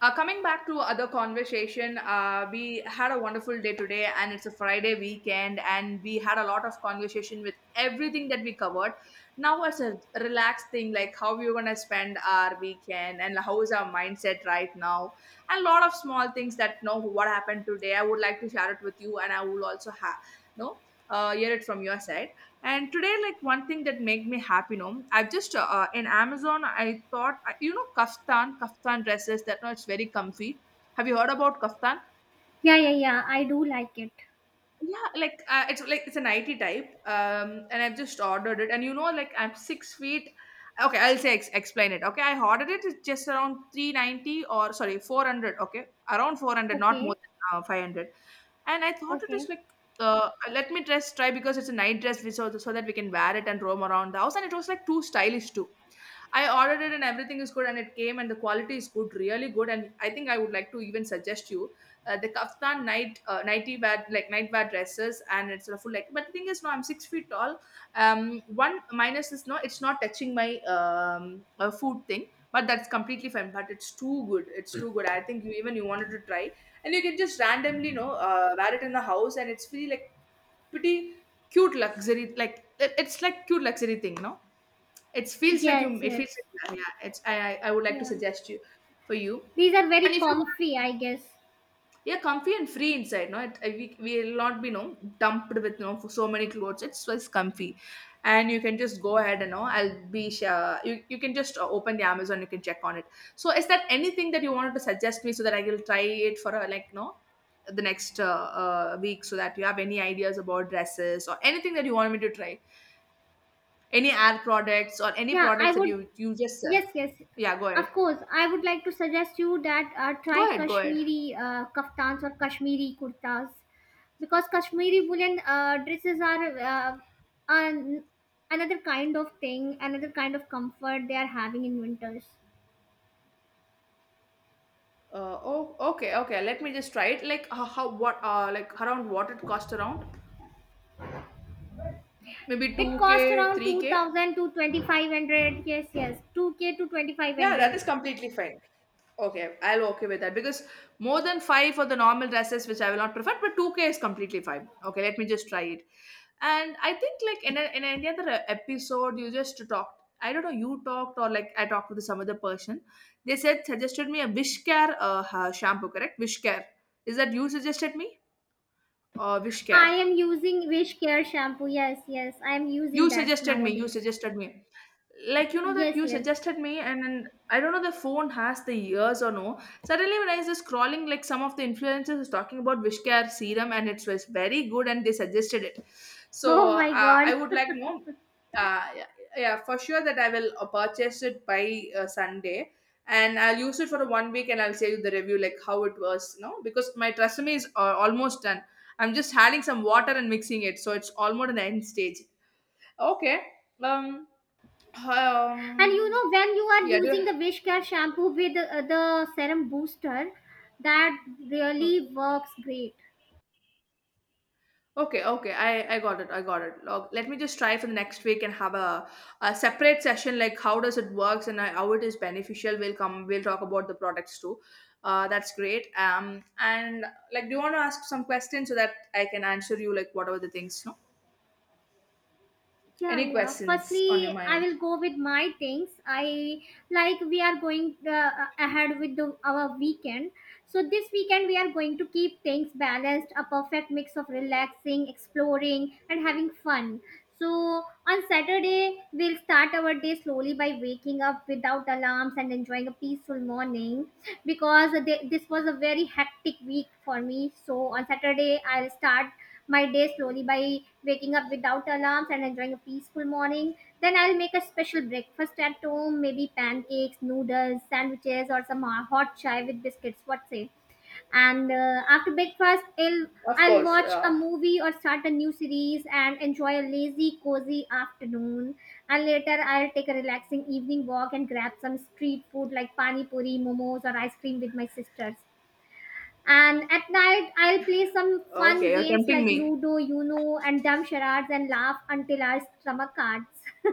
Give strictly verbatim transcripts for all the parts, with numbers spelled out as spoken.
Uh, coming back to other conversation, uh, we had a wonderful day today, and it's a Friday weekend, and we had a lot of conversation with everything that we covered. Now it's a relaxed thing, like how we're gonna spend our weekend, and how is our mindset right now, and a lot of small things that know what happened today. I would like to share it with you, and I will also have no uh, hear it from your side. And today, like, one thing that make me happy, no, I've just uh, uh, in Amazon, I thought I- you know, kaftan kaftan dresses, that no, it's very comfy. Have you heard about kaftan? Yeah, yeah, yeah. I do like it. Yeah, like, uh, it's like, it's an it type um and I've just ordered it, and you know, like, I'm six feet. Okay, I'll say ex- explain it. Okay, I ordered it, it's just around three ninety, or sorry, four hundred, okay, around four hundred, not more Okay. than uh, five hundred. And I thought it Okay. is like, uh, let me dress try, because it's a night dress we, so, so that we can wear it and roam around the house, and it was like too stylish too. I ordered it and everything is good, and it came and the quality is good, really good. And I think I would like to even suggest you uh, the kaftan night, uh, nighty wear, like night wear dresses, and it's a full like. But the thing is, no, I'm six feet tall. Um, one minus is, no, it's not touching my um uh, food thing. But that's completely fine. But it's too good. It's too good. I think you, even you wanted to try, and you can just randomly, you know, uh, wear it in the house, and it's really like pretty cute luxury. Like, it- it's like cute luxury thing, no, it feels like you. Yes, It feels yes. like, yeah. It's I I I would like to Yeah. suggest you, for you, These are very and if you comfy, want, I guess. yeah, comfy and free inside. No, it, we we will not be no dumped with no for so many clothes. It's just comfy, and you can just go ahead. And no, I'll be sure, you you can just uh, open the Amazon. You can check on it. So, is that anything that you wanted to suggest me, so that I will try it for a, like, no, the next uh, uh, week, so that you have any ideas about dresses or anything that you want me to try, any ad products or any Yeah, I products that would. you you just uh, Yes, yes. yeah, go ahead. Of course, I would like to suggest you that uh, try Go ahead, go ahead. Kashmiri uh, kaftans or Kashmiri kurtas because Kashmiri woolen uh, dresses are uh, an, another kind of thing, another kind of comfort they are having in winters. Uh, oh, okay, okay. Let me just try it. Like, how, how what uh like, around what it cost around? Maybe It costs two k, around three k? Yeah, two thousand to twenty-five hundred. Yes, yes. two k to that twenty-five hundred. is completely fine. Okay, I'll okay with that, because more than five for the normal dresses, which I will not prefer, but two K is completely fine. Okay, let me just try it. And I think like, in, a, in any other uh, episode, you just talked. I don't know, you talked, or like, I talked with some other person. They said, suggested me a Wish Care uh, ha- shampoo, correct? Wish Care. Is that you suggested me, or Wish Care? I am using Wish Care shampoo. Yes, yes, I am using You that suggested me. You nowadays. suggested me. Like, you know, that Yes, you yes. suggested me, and, and I don't know, the phone has the ears or no, suddenly when I was just scrolling, like some of the influencers was talking about Wishcare serum, and it was very good, and they suggested it. So Oh my uh, I god. would like no, uh, yeah, yeah, for sure, that I will uh, purchase it by uh, Sunday, and I'll use it for one week, and I'll say you the review, like how it was, no, because my Tresemme is uh, almost done. I'm just adding some water and mixing it, so it's almost at the end stage. Okay. um And you um, know when you are yeah, do. using the Wish Care shampoo with uh, the serum booster, that really Okay. works great. Okay, okay. I I got it. I got it. Log, let me just try for the next week and have a, a separate session, like how does it works, and uh, how it is beneficial. We'll come. We'll talk about the products too. Uh, that's great. Um, and like, do you want to ask some questions so that I can answer you, like whatever the things? No, Yeah, any yeah, questions on firstly your I mind? will go with my things. I like we are going uh, ahead with the, our weekend. So this weekend we are going to keep things balanced, a perfect mix of relaxing, exploring, and having fun. So on Saturday, we'll start our day slowly by waking up without alarms and enjoying a peaceful morning, because they, this was a very hectic week for me. So on Saturday, I'll start my day slowly by waking up without alarms and enjoying a peaceful morning. Then I'll make a special breakfast at home, maybe pancakes, noodles, sandwiches, or some uh, hot chai with biscuits. What say? And uh, after breakfast, I'll Of I'll course. watch a Uh, movie or start a new series and enjoy a lazy, cozy afternoon. And later, I'll take a relaxing evening walk and grab some street food like pani puri, momos, or ice cream with my sisters. And at night, I'll play some fun okay, you're games tempting like me. Ludo, Uno, and dumb charades and laugh until our stomach hurts.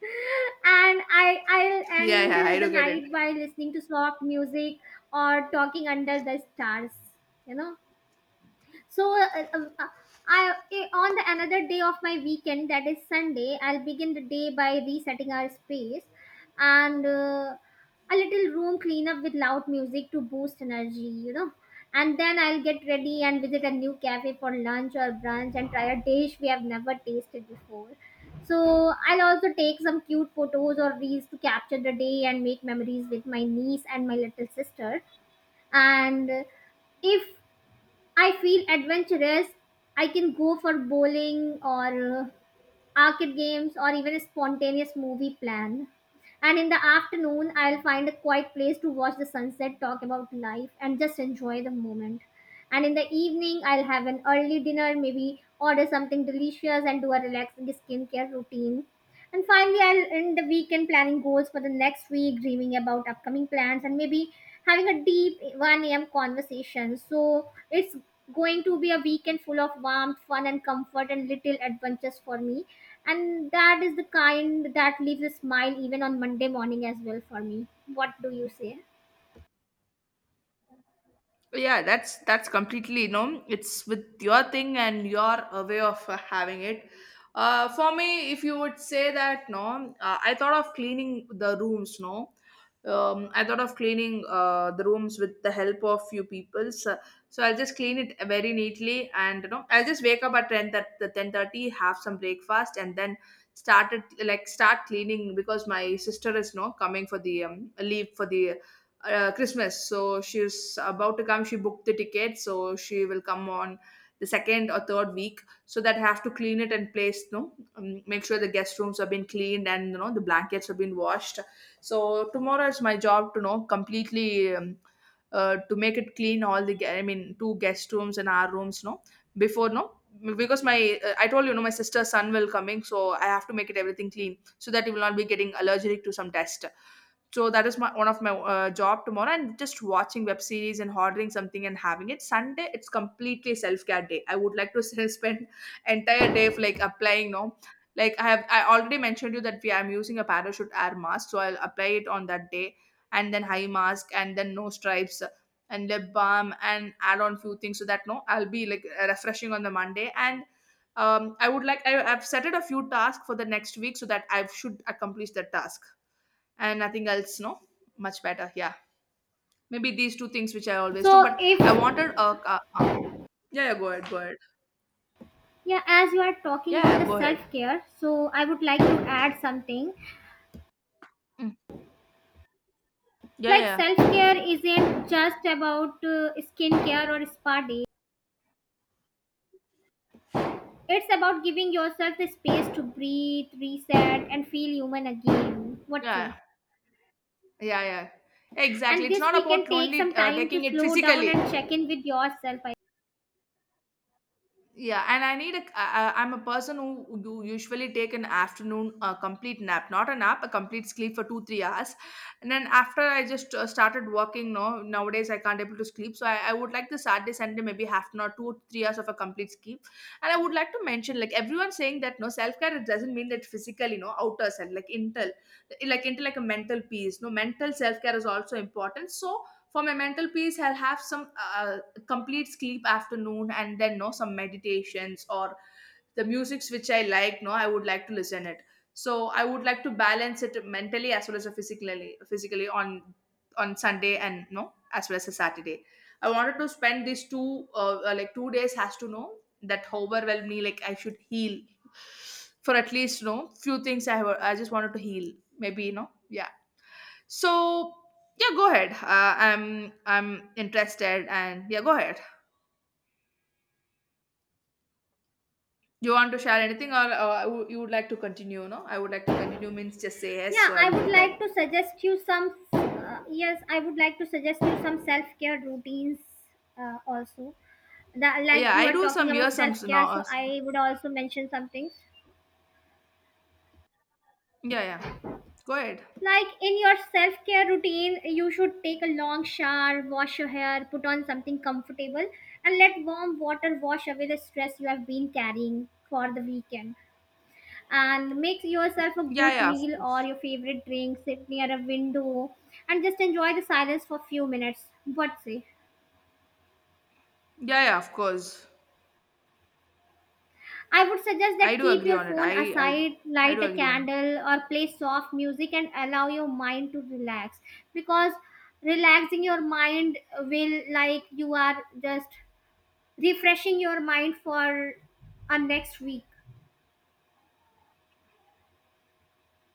And I, I'll Yeah, end yeah. I the do get it. night by listening to soft music or talking under the stars, you know. So, uh, uh, uh, I eh, on the another day of my weekend, that is Sunday, I'll begin the day by resetting our space and uh, a little room cleanup with loud music to boost energy, you know. And then I'll get ready and visit a new cafe for lunch or brunch and try a dish we have never tasted before. So I'll also take some cute photos or reels to capture the day and make memories with my niece and my little sister. And if I feel adventurous, I can go for bowling or uh, arcade games, or even a spontaneous movie plan. And in the afternoon, I'll find a quiet place to watch the sunset, talk about life, and just enjoy the moment. And in the evening, I'll have an early dinner, maybe order something delicious, and do a relaxing skincare routine. And finally, I'll end the weekend planning goals for the next week, dreaming about upcoming plans, and maybe having a deep one a m conversation. So it's going to be a weekend full of warmth, fun, and comfort, and little adventures for me. And that is the kind that leaves a smile even on Monday morning as well for me. What do you say? Yeah, that's that's completely, you know, it's with your thing and your uh, way of uh, having it. uh, for me, if you would say that, no, uh, I thought of cleaning the rooms, no, um, I thought of cleaning uh, the rooms with the help of few people, so, so I'll just clean it very neatly, and you know, I'll just wake up at ten, that the ten thirty, have some breakfast and then started, like start cleaning, because my sister is no coming for the um, leave for the uh, Christmas. So she's about to come. She booked the ticket, so she will come on the second or third week. So that I have to clean it and place, no, um, make sure the guest rooms have been cleaned, and you know, the blankets have been washed. So tomorrow it's my job to, you know, completely. Um, uh, to make it clean all the ge- I mean, two guest rooms and our rooms, no, before, no, because my uh, I told you, no, my sister's son will coming, so I have to make it everything clean, so that he will not be getting allergic to some test. So that is my one of my uh, job tomorrow, and just watching web series and ordering something and having it. Sunday, it's completely self-care day. I would like to s- spend entire day of, like applying, no, like I have, I already mentioned you that we, I'm using a parachute air mask, so I'll apply it on that day, and then high mask, and then no, stripes and lip balm and add on few things, so that no, I'll be like refreshing on the Monday. And um, I would like, I, I've set it a few tasks for the next week, so that I should accomplish that task, and nothing else, no, much better, yeah, maybe these two things which I always So, do, but if I wanted a uh, uh, yeah, yeah, go ahead, go ahead. Yeah, as you are talking Yeah, about yeah, go the self ahead. care, so I would like to add something. Mm. Yeah, Like, yeah, self care isn't just about uh, skincare or spa day, it's about giving yourself the space to breathe, reset, and feel human again. What say? yeah. Yeah, yeah, yeah, exactly, And it's this, not we can about take some only uh, time to taking it slow down physically. and check in with yourself. Yeah, and I need a. I, I- I'm a person who who usually take an afternoon uh, complete nap, not a nap, a complete sleep for two three hours, and then after I just uh, started working. No, nowadays I can't able to sleep, so I, I would like the Saturday Sunday, maybe half an hour, two or three hours of a complete sleep. And I would like to mention, like everyone saying that, no, self care, it doesn't mean that physical, you know, outer self, like intel, like intel, like a mental peace. No, mental self care is also important. So for my mental peace, I'll have some uh, complete sleep afternoon and then no, some meditations or the musics which I like, no, I would like to listen it. So I would like to balance it mentally as well as physically, physically on on Sunday, and no, as well as a Saturday. I wanted to spend these two uh, uh, like two days has to know, that overwhelmed me, like I should heal for at least, no, few things I have, I just wanted to heal, maybe, you know, yeah. So yeah, go ahead, uh, i'm i'm interested, and yeah, go ahead. Do you want to share anything, or uh, you, you would like to continue? No, I would like to continue means, just say yes, Yeah, so I I will would go ahead. like to suggest you some. Uh, yes, I would like to suggest you some self care routines uh, also. That, like Yeah, you I are do talking some years, about some self s- care, now, uh, so s- I would also mention something. yeah, yeah. Go ahead. Like, in your self care routine, you should take a long shower, wash your hair, put on something comfortable, and let warm water wash away the stress you have been carrying for the weekend, and make yourself a Yeah, good yeah, of meal or course. your favorite drink, sit near a window, and just enjoy the silence for few minutes. What say? Yeah, yeah, of course. I would suggest that I do keep agree your on it. phone I, I do, aside, I light do a agree on it. candle or play soft music, and allow your mind to relax, because relaxing your mind will, like you are just refreshing your mind for a next week.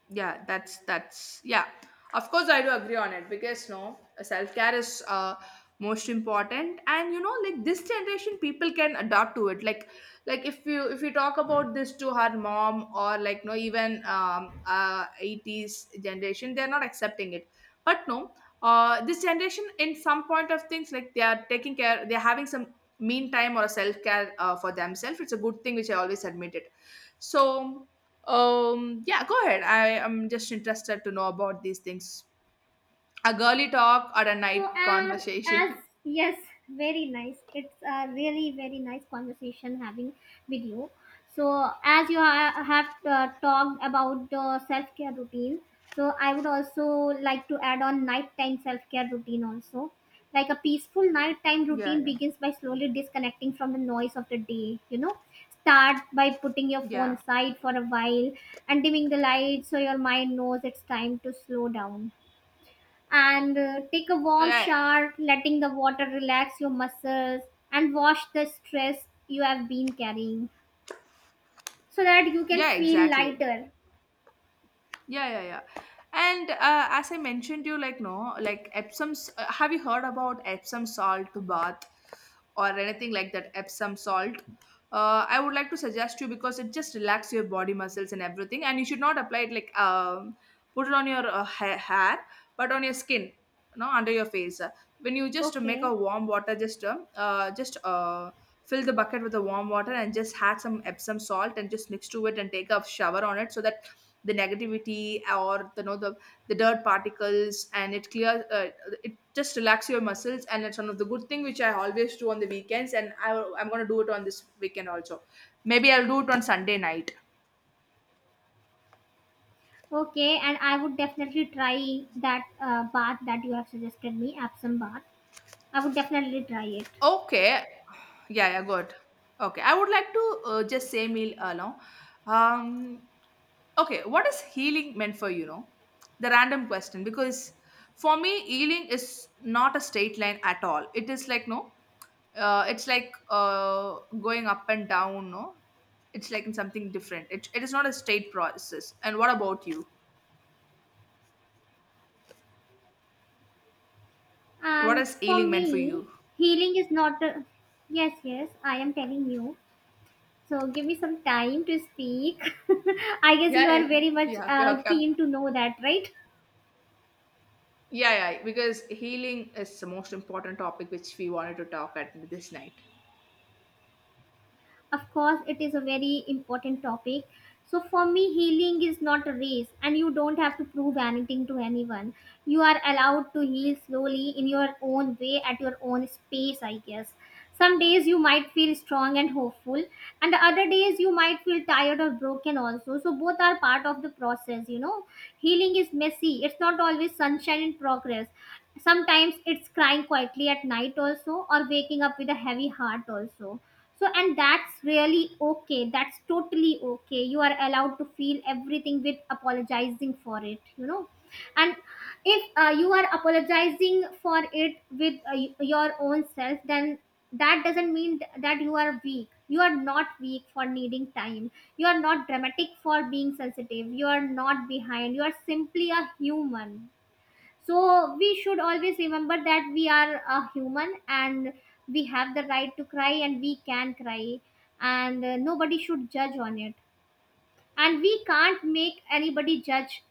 Yeah, that's that's yeah, of course I do agree on it, because no, self-care is uh most important, and you know, like, this generation people can adapt to it, like like if you, if you talk about this to her mom, or like no, even um uh eighties generation, they're not accepting it, but no, uh this generation, in some point of things, like they are taking care, they're having some mean time or a self-care uh, for themselves, it's a good thing which I always admit it. So, um, yeah, go ahead. I am just interested to know about these things. A girly talk or a So, night and as, conversation. yes, very nice. It's a really very nice conversation having with you. So, as you ha- have uh, talked about the self care routine, so I would also like to add on nighttime self care routine also. Like, a peaceful nighttime Yeah, routine yeah, begins by slowly disconnecting from the noise of the day. You know, start by putting your phone yeah, aside for a while, and dimming the light so your mind knows it's time to slow down, and uh, take a warm yeah, shower, letting the water relax your muscles and wash the stress you have been carrying so that you can yeah, feel exactly. lighter. Yeah, yeah, yeah. And uh, as I mentioned, you like, no, like Epsom. S- Uh, have you heard about Epsom salt bath or anything like that? Epsom salt, uh, I would like to suggest you because it just relax your body muscles and everything. And you should not apply it like um, put it on your uh, ha- hair, but on your skin, no, under your face. When you just make Okay, a warm water, just uh, uh, just uh, fill the bucket with the warm water and just add some epsom salt and just mix to it and take a shower on it, so that the negativity or the you know the the dirt particles and it clears, uh, it just relax your muscles. And it's one of the good thing which I always do on the weekends. And I, I'm going to do it on this weekend also. Maybe I'll do it on Sunday night. okay, and I would definitely try that uh, bath that you have suggested me, Epsom bath. I would definitely try it. Okay. Yeah, yeah, good. Okay, I would like to uh, just say meal along. um Okay, what is healing meant for you know? The random question, because for me healing is not a straight line at all. It is like, no, uh, it's like uh, going up and down. No, it's like in something different. It, it is not a straight process. And what about you? What And is for healing meant for me, you? healing is not a. Yes, yes, I am telling you. So give me some time to speak. I guess Yeah, you are yeah, very much yeah, okay, uh, okay, okay. keen to know that, right? Yeah, yeah, because healing is the most important topic which we wanted to talk at this night. Of course, it is a very important topic. So, for me, healing is not a race, and you don't have to prove anything to anyone. You are allowed to heal slowly in your own way at your own space, I guess. Some days you might feel strong and hopeful, and the other days you might feel tired or broken, also. So, both are part of the process, you know. Healing is messy, it's not always sunshine and progress. Sometimes it's crying quietly at night, also, or waking up with a heavy heart, also. So, and that's really okay. That's totally okay. You are allowed to feel everything with apologizing for it, you know. And if uh, you are apologizing for it with uh, y- your own self, then that doesn't mean th- that you are weak. You are not weak for needing time. You are not dramatic for being sensitive. You are not behind. You are simply a human. So we should always remember that we are a human, and we have the right to cry, and we can cry, and uh, nobody should judge on it. And we can't make anybody judge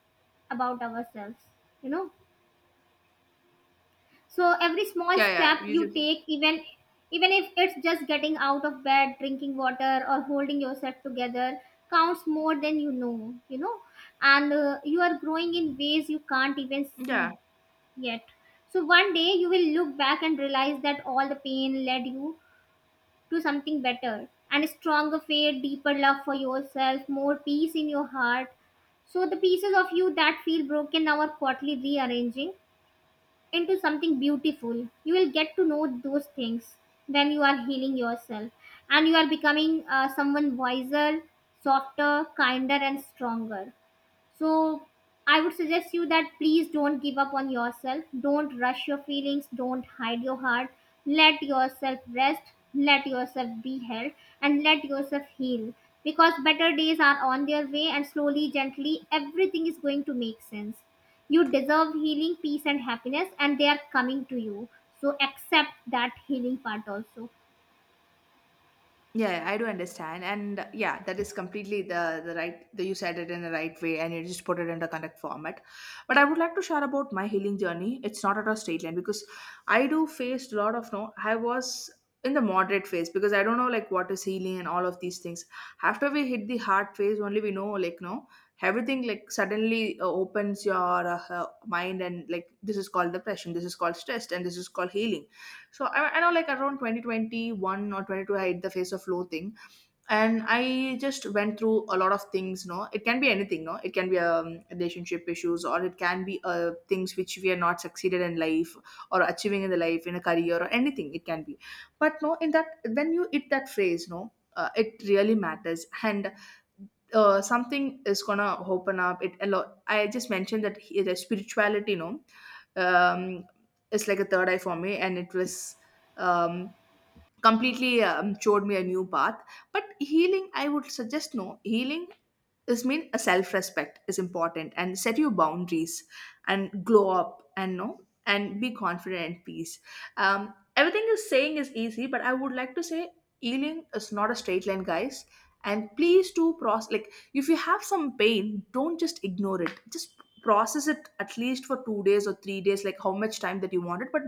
about ourselves, you know. So every small Yeah, step yeah, you you just take, even even if it's just getting out of bed, drinking water, or holding yourself together, counts more than you know, you know. And uh, you are growing in ways you can't even yeah. see yet. So one day you will look back and realize that all the pain led you to something better and a stronger faith, deeper love for yourself, more peace in your heart. So the pieces of you that feel broken now are quietly rearranging into something beautiful. You will get to know those things when you are healing yourself, and you are becoming uh, someone wiser, softer, kinder, and stronger. So I would suggest you that please don't give up on yourself. Don't rush your feelings. Don't hide your heart. Let yourself rest. Let yourself be held, and let yourself heal, because better days are on their way, and slowly, gently, everything is going to make sense. You deserve healing, peace, and happiness, and they are coming to you. So accept that healing part also. Yeah, yeah, I do understand. And uh, yeah, that is completely the the right. The, you said it in the right way, and you just put it in the correct format. But I would like to share about my healing journey. It's not at a straight line because I do faced a lot of, no. I was in the moderate phase because I don't know like what is healing and all of these things. After we hit the hard phase, only we know, like, no, everything like suddenly uh, opens your uh, uh, mind, and like this is called depression, this is called stress, and this is called healing. So I, i know like around twenty twenty-one or twenty-two, I hit the face of flow thing. And I just went through a lot of things, no? It can be anything, no? It can be um, relationship issues, or it can be uh, things which we are not succeeded in life or achieving in the life, in a career, or anything it can be. But no, in that, when you hit that phase, no, uh, it really matters. And uh, something is gonna open up. It a lot. I just mentioned that he, the spirituality, no? um, it's like a third eye for me, and it was, um, completely, um, showed me a new path. But healing, I would suggest, no, healing, this means a self-respect is important, and set your boundaries, and glow up, and no, and be confident and peace. Um, everything is saying is easy, but I would like to say healing is not a straight line, guys. And please do process, like if you have some pain, don't just ignore it, just process it at least for two days or three days, like how much time that you want it, but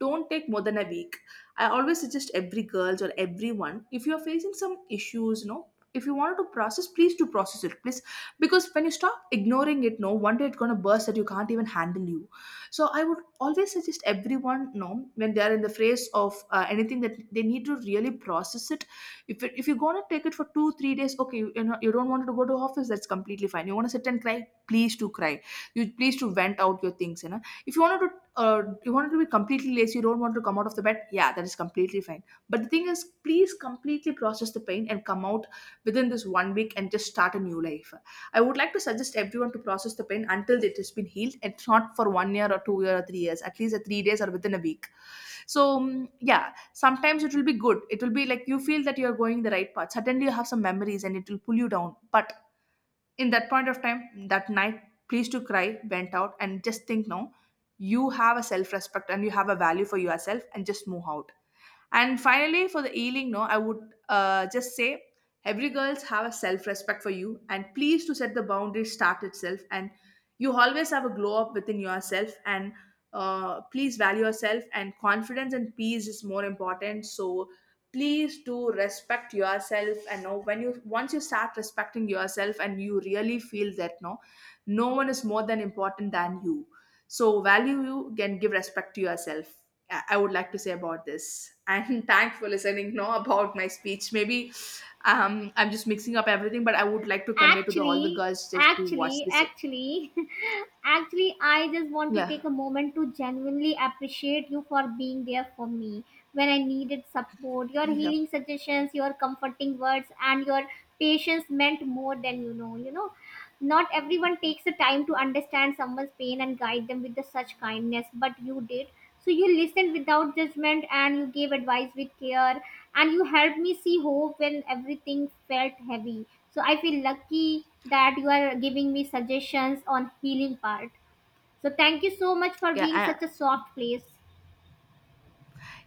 don't take more than a week. I always suggest every girls or everyone, if you're facing some issues, you know, if you wanted to process, please do process it, please, because when you stop ignoring it, no, one day it's going to burst that you can't even handle you. So I would always suggest everyone, no, when they're in the phase of uh, anything, that they need to really process it. If, it, if you're going to take it for two three days, okay, you, you know, you don't want to go to office, that's completely fine. You want to sit and cry, please to cry. You please to vent out your things, you know. If you wanted to, uh, you wanted to be completely lazy, you don't want to come out of the bed, yeah, that is completely fine. But the thing is please completely process the pain and come out within this one week and just start a new life. I would like to suggest everyone to process the pain until it has been healed, and not for one year or two year or three years, at least a three days or within a week. So mm, yeah, sometimes it will be good. It will be like you feel that you're going the right path. Suddenly you have some memories and it will pull you down. But in that point of time, that night, please to cry, went out, and just think, no, you have a self-respect and you have a value for yourself, and just move out. And finally, for the healing, no, I would uh, just say every girls have a self respect for you, and please to set the boundaries start itself, and you always have a glow up within yourself, and uh, please value yourself, and confidence and peace is more important. So please do respect yourself and know when you, once you start respecting yourself and you really feel that, no, no one is more than important than you. So value, you can give respect to yourself. I I would like to say about this. And thanks for listening. Now about my speech. Maybe um, i'm just mixing up everything, but I would like to convey to the, all the Actually, girls that who watch actually, this. actually, actually, I just want to take Yeah, a moment to genuinely appreciate you for being there for me when I needed support. Your yeah, healing suggestions, your comforting words, and your patience meant more than you know. You know, not everyone takes the time to understand someone's pain and guide them with the such kindness, but you did. So you listened without judgment, and you gave advice with care, and you helped me see hope when everything felt heavy, so I feel lucky that you are giving me suggestions on healing part. So thank you so much for being yeah. such a soft place.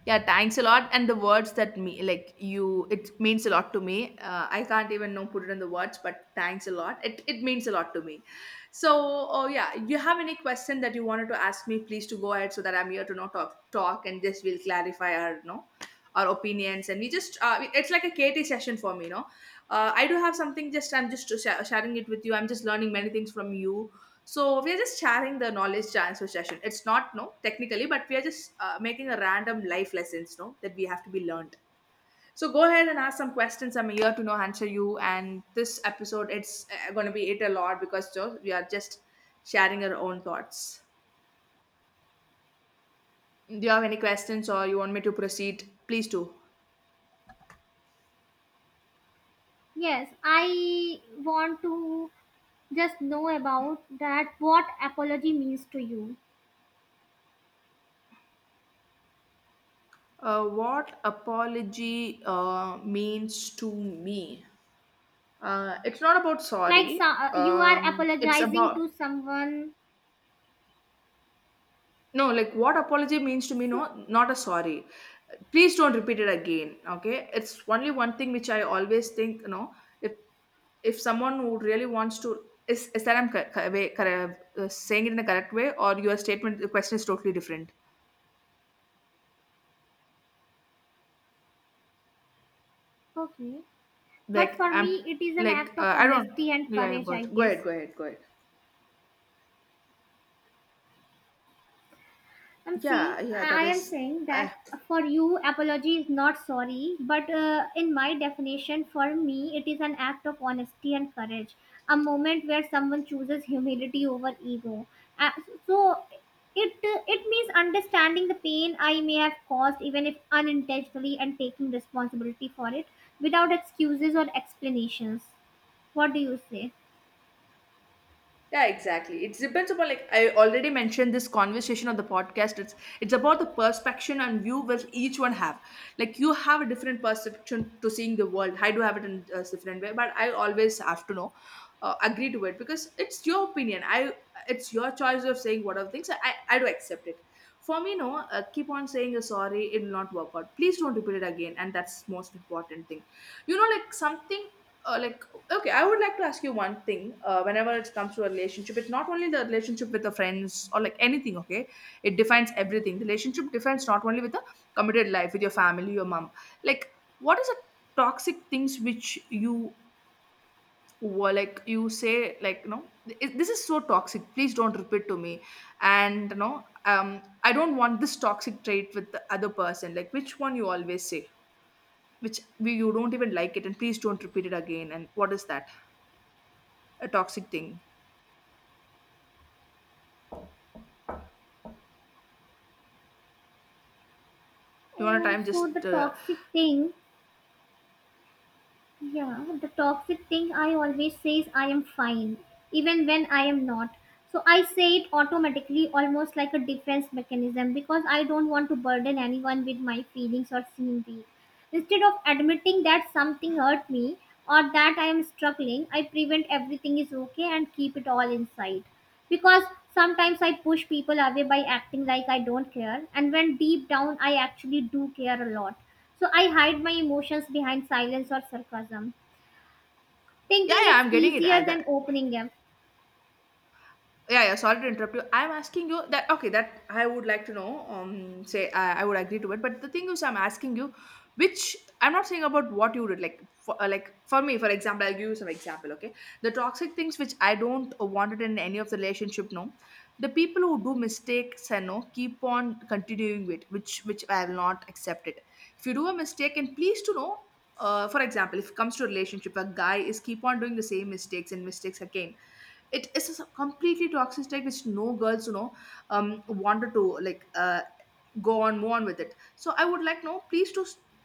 Yeah, thanks a lot. And the words that me like you, it means a lot to me. Uh, I can't even know put it in the words, but thanks a lot. It it means a lot to me. So, oh yeah, you have any question that you wanted to ask me? Please to go ahead, so that I'm here to not talk talk and just will clarify our, no, our opinions. And we just uh, it's like a K T session for me. No, uh, I do have something. Just I'm just sha- sharing it with you. I'm just learning many things from you, so we are just sharing the knowledge transfer session. It's not, no, technically, but we are just uh, making a random life lessons, no, that we have to be learned. So go ahead and ask some questions. I'm here to know answer you. And this episode, it's uh, going to be it a lot, because you we are just sharing our own thoughts. Do you have any questions or you want me to proceed? Please do. Yes, I want to just know about that what apology means to you. Uh, what apology uh, means to me? Uh, it's not about Like so, sorry. uh, you are Um, it's apologizing about, to someone. no, like what apology means to me, So, no, not a sorry. Please don't repeat it again. Okay. It's only one thing which I always think, you know, if if someone who really wants to is, is that I'm cor- cor- way- cor- uh, saying it in the correct way, or your statement, the question is totally different. okay. But Like for me, I'm it is an like, act of uh, I don't, honesty and yeah, yeah, courage, go I ahead, go guess. ahead, go ahead, go ahead. I'm see. Yeah, yeah, I I that am is saying that I. for you, apology is not sorry, but uh, in my definition, for me, it is an act of honesty and courage, a moment where someone chooses humility over ego. Uh, so it uh, it means understanding the pain I may have caused, even if unintentionally, and taking responsibility for it without excuses or explanations. What do you say? Yeah, exactly. It depends upon, like I already mentioned this conversation on the podcast. It's it's about the perception and view which each one have. Like you have a different perception to seeing the world. I do have it in a different way, but I always have to know, uh, agree to it, because it's your opinion. I it's your choice of saying what of things. I I do accept it. For me, no. Uh, keep on saying uh, sorry, it will not work out. Please don't repeat it again. And that's most important thing. You know, like something uh, like, okay, I would like to ask you one thing. Uh, whenever it comes to a relationship, it's not only the relationship with the friends or like anything, okay, it defines everything. The relationship defines not only with the committed life, with your family, your mom, like what is the toxic things which you were, like you say like, no, "Th- this is so toxic, please don't repeat to me, and you know, um I don't want this toxic trait with the other person," like which one you always say, which you don't even like it, and please don't repeat it again, and what is that a toxic thing. You want a Oh, time? so the Just uh, toxic thing Yeah, the toxic thing I always say is I am fine, even when I am not. So I say it automatically, almost like a defense mechanism, because I don't want to burden anyone with my feelings or seem weak. Instead of admitting that something hurt me or that I am struggling, I prevent everything is okay and keep it all inside. Because sometimes I push people away by acting like I don't care, and when deep down I actually do care a lot. So I hide my emotions behind silence or sarcasm, thinking yeah, yeah. it's I'm getting it. easier And uh, than opening them. yeah yeah sorry to interrupt you. I'm asking you that, okay, that I would like to know. Um say i, I would agree to it, but the thing is I'm asking you, which I'm not saying about what you did. Like for uh, like for me, for example, I'll give you some example. Okay, the toxic things which I don't want it in any of the relationship, no. The people who do mistakes and no keep on continuing with which which I will not accept it. If you do a mistake and please to know. Uh, for example, if it comes to a relationship, a guy is keep on doing the same mistakes and mistakes again. It is a s- completely toxic state which no girls, you know, um wanted to, like uh go on, move on with it. So I would like, no, please to,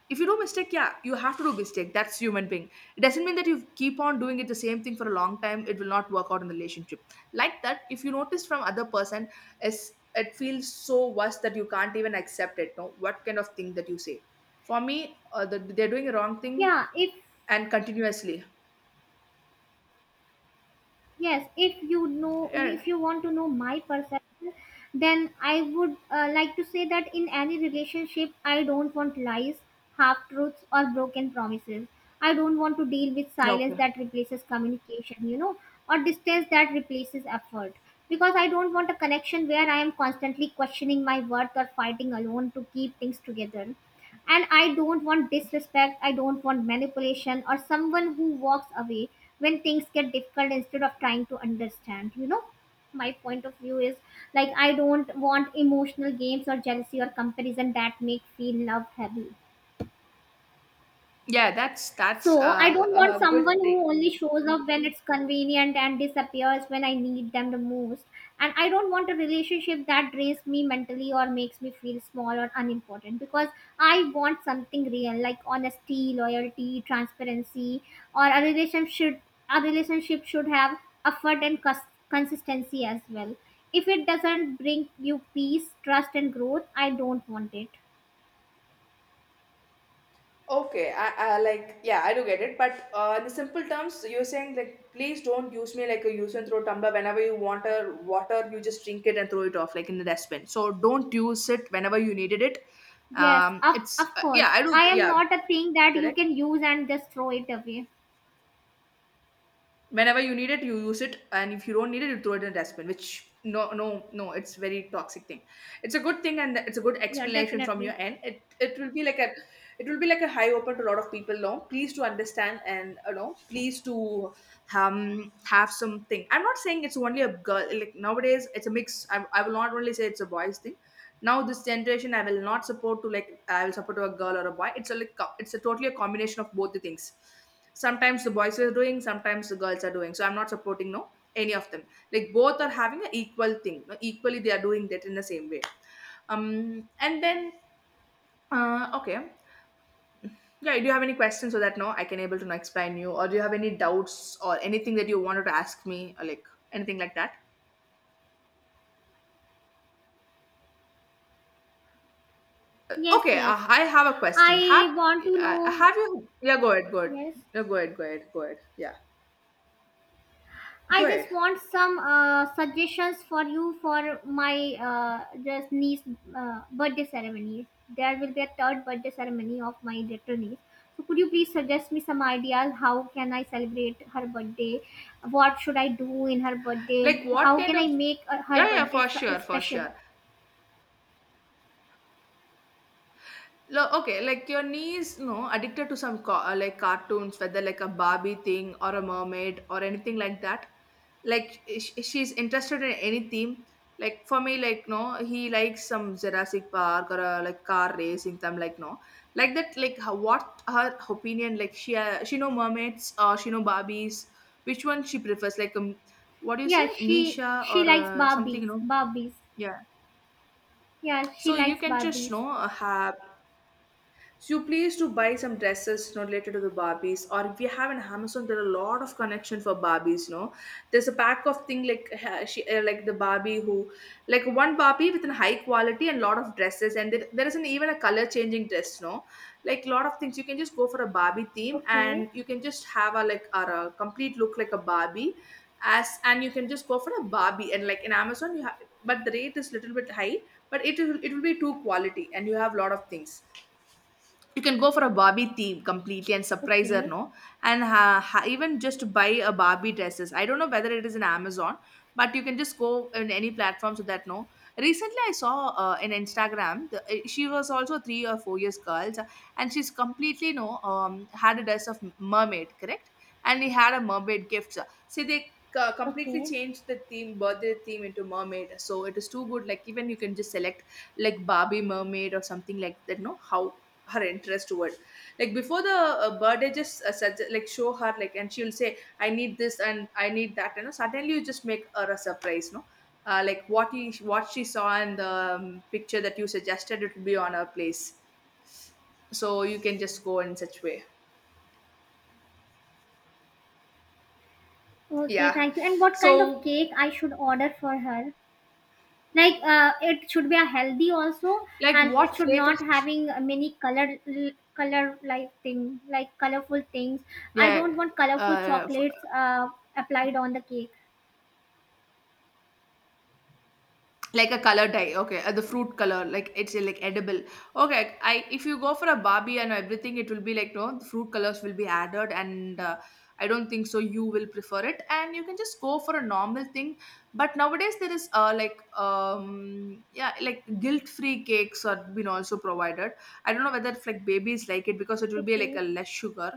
if you do mistake, yeah, you have to do mistake, that's human being. It doesn't mean that you keep on doing it the same thing for a long time, it will not work out in the relationship. Like that, if you notice from other person, is it feels so worse that you can't even accept it, no? What kind of thing that you say? For me, uh, the, they're doing a wrong thing Yeah, if and continuously. yes, if you know, Yeah, if you want to know my perception, then I would uh, like to say that in any relationship, I don't want lies, half truths, or broken promises. I don't want to deal with silence okay. that replaces communication, you know, or distance that replaces effort. Because I don't want a connection where I am constantly questioning my worth or fighting alone to keep things together, and I don't want disrespect, I don't want manipulation or someone who walks away when things get difficult instead of trying to understand, you know. My point of view is, like, I don't want emotional games or jealousy or comparison that make feel love heavy, Yeah, that's that's so I uh, don't want a good someone thing. who only shows up when it's convenient and disappears when I need them the most. And I don't want a relationship that drains me mentally or makes me feel small or unimportant, because I want something real like honesty, loyalty, transparency, or a relationship should a relationship should have effort and cus- consistency as well. If it doesn't bring you peace, trust, and growth, I don't want it. Okay, I, I like, yeah, I do get it, but uh, in the simple terms, you're saying like please don't use me like a use and throw tumbler. Whenever you want a water, you just drink it and throw it off like in the dustbin. So don't use it whenever you needed it. Yes, Um, of it's of uh, course. yeah, I do, I am yeah, not a thing that you correct. can use and just throw it away. Whenever you need it, you use it, and if you don't need it, you throw it in the dustbin, which no, no, no, it's very toxic thing. It's a good thing and it's a good Yeah, explanation from your definitely. end. It it will be like a, it will be like a high open to a lot of people. Now please to understand, and you know, please to um have something. I'm not saying it's only a girl, like nowadays it's a mix. i, I will not only say it's a boys thing. Now this generation, I will not support to, like I will support to a girl or a boy. It's a like co- it's a totally a combination of both the things. Sometimes the boys are doing, sometimes the girls are doing, so I'm not supporting, no, any of them. Like both are having an equal thing, no, equally they are doing that in the same way. Um and then uh okay, yeah, do you have any questions so that now I can able to now explain you, or do you have any doubts or anything that you wanted to ask me, or like anything like that? Yes, Okay, yes. uh, I have a question. Have I want to uh, know. have you? Yeah, go ahead, go ahead, Yes. yeah, go ahead, go ahead, go ahead. Yeah, I go ahead. just want some uh, suggestions for you for my uh, just niece uh, birthday ceremony. There will be a third birthday ceremony of my little niece. So could you please suggest me some ideas? How can I celebrate her birthday? What should I do in her birthday? Like, what How kind can of? I make uh, her Yeah, yeah, birthday for sure, s- for special? sure. Lo- okay, like your niece, no, addicted to some ca- uh, like cartoons, whether like a Barbie thing or a mermaid or anything like that. Like sh- she's interested in any theme. Like for me, like no, he likes some Jurassic Park or uh, like car racing. Some like no, like that. Like her, what her opinion? Like she uh, she know mermaids or she know Barbies. Which one she prefers? Like um, what do you say, Yeah, she Misha she or likes uh, something? Barbies. You know, Barbies. yeah. Yeah, she So you likes can just, you Barbies. know, uh, have, so you please to buy some dresses, you know, related to the Barbies. Or if you have an Amazon, there are a lot of connection for Barbies. You know, there's a pack of thing like ha- she, uh, like the Barbie who, like one Barbie with a high quality and lot of dresses, and there, there isn't even a color changing dress. You know, like lot of things. You can just go for a Barbie theme, Okay, and you can just have a like or a complete look like a Barbie, as and you can just go for a Barbie. And like in Amazon, you have, but the rate is little bit high, but it will it will be two quality, and you have lot of things. You can go for a Barbie theme completely and surprise her, okay, no? And ha- ha- even just buy a Barbie dresses, I don't know whether it is in Amazon, but you can just go in any platform, so that no, recently I saw uh, in Instagram, the, uh, she was also three or four years girls, and she's completely no, um, had a dress of mermaid, correct, and he had a mermaid gift. See, they uh, completely okay, changed the theme, birthday theme into mermaid, so it is too good. Like even you can just select like Barbie, mermaid or something like that, no, how her interest toward, like before the uh, birthday, just uh, sugge- like show her like, and she'll say I need this and I need that, you know, suddenly you just make her a surprise, no? Uh, like what he, what she saw in the um, picture that you suggested, it will be on her place. So you can just go in such way. okay. Yeah, Thank you. And what kind of so cake I should order for her? Like, uh, it should be a healthy also, like and it what should not flavors? having a many color color like thing, like colorful things. I Yeah, don't want colorful uh, chocolates uh, applied on the cake. like a color dye? Okay, uh, the fruit color like, it's uh, like edible. Okay, I, if you go for a Barbie and everything, it will be like no, the fruit colors will be added, and uh, I don't think so you will prefer it, and you can just go for a normal thing. But nowadays there is uh like um yeah, like guilt free cakes are been also provided. I don't know whether if like babies like it because it will be like Okay. a less sugar.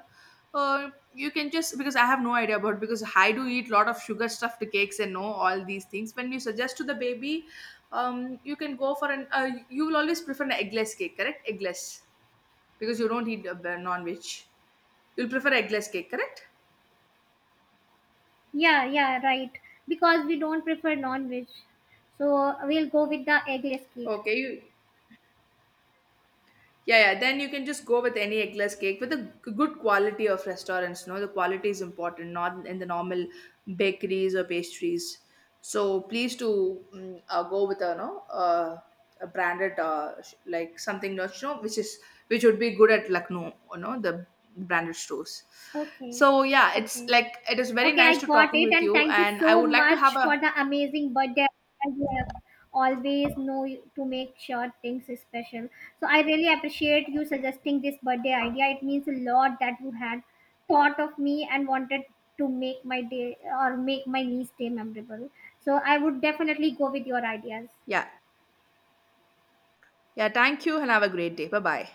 uh, You can just, because I have no idea about, because I do eat lot of sugar stuffed cakes and no all these things. When you suggest to the baby, um you can go for an uh, you will always prefer an eggless cake, correct? Eggless, because you don't eat uh, non-veg, you'll prefer eggless cake, correct? Yeah, yeah, right. Because we don't prefer non-veg, so we'll go with the eggless cake. Okay, you, yeah, yeah. Then you can just go with any eggless cake with a g- good quality of restaurants. No, the quality is important, not in the normal bakeries or pastries. So please to mm, uh, go with a no uh, a branded uh, sh- like something, not you know, which is, which would be good at Lucknow. You know, the branded stores. Okay, So yeah, it's okay, like it is very okay. nice I to got talking it, with and you, thank you and I so would like to have much for a, the amazing birthday ideas. You have always know you- to make sure things is special. So I really appreciate you suggesting this birthday idea. It means a lot that you had thought of me and wanted to make my day or make my niece day memorable. So I would definitely go with your ideas. yeah, yeah. Thank you, and have a great day. Bye bye.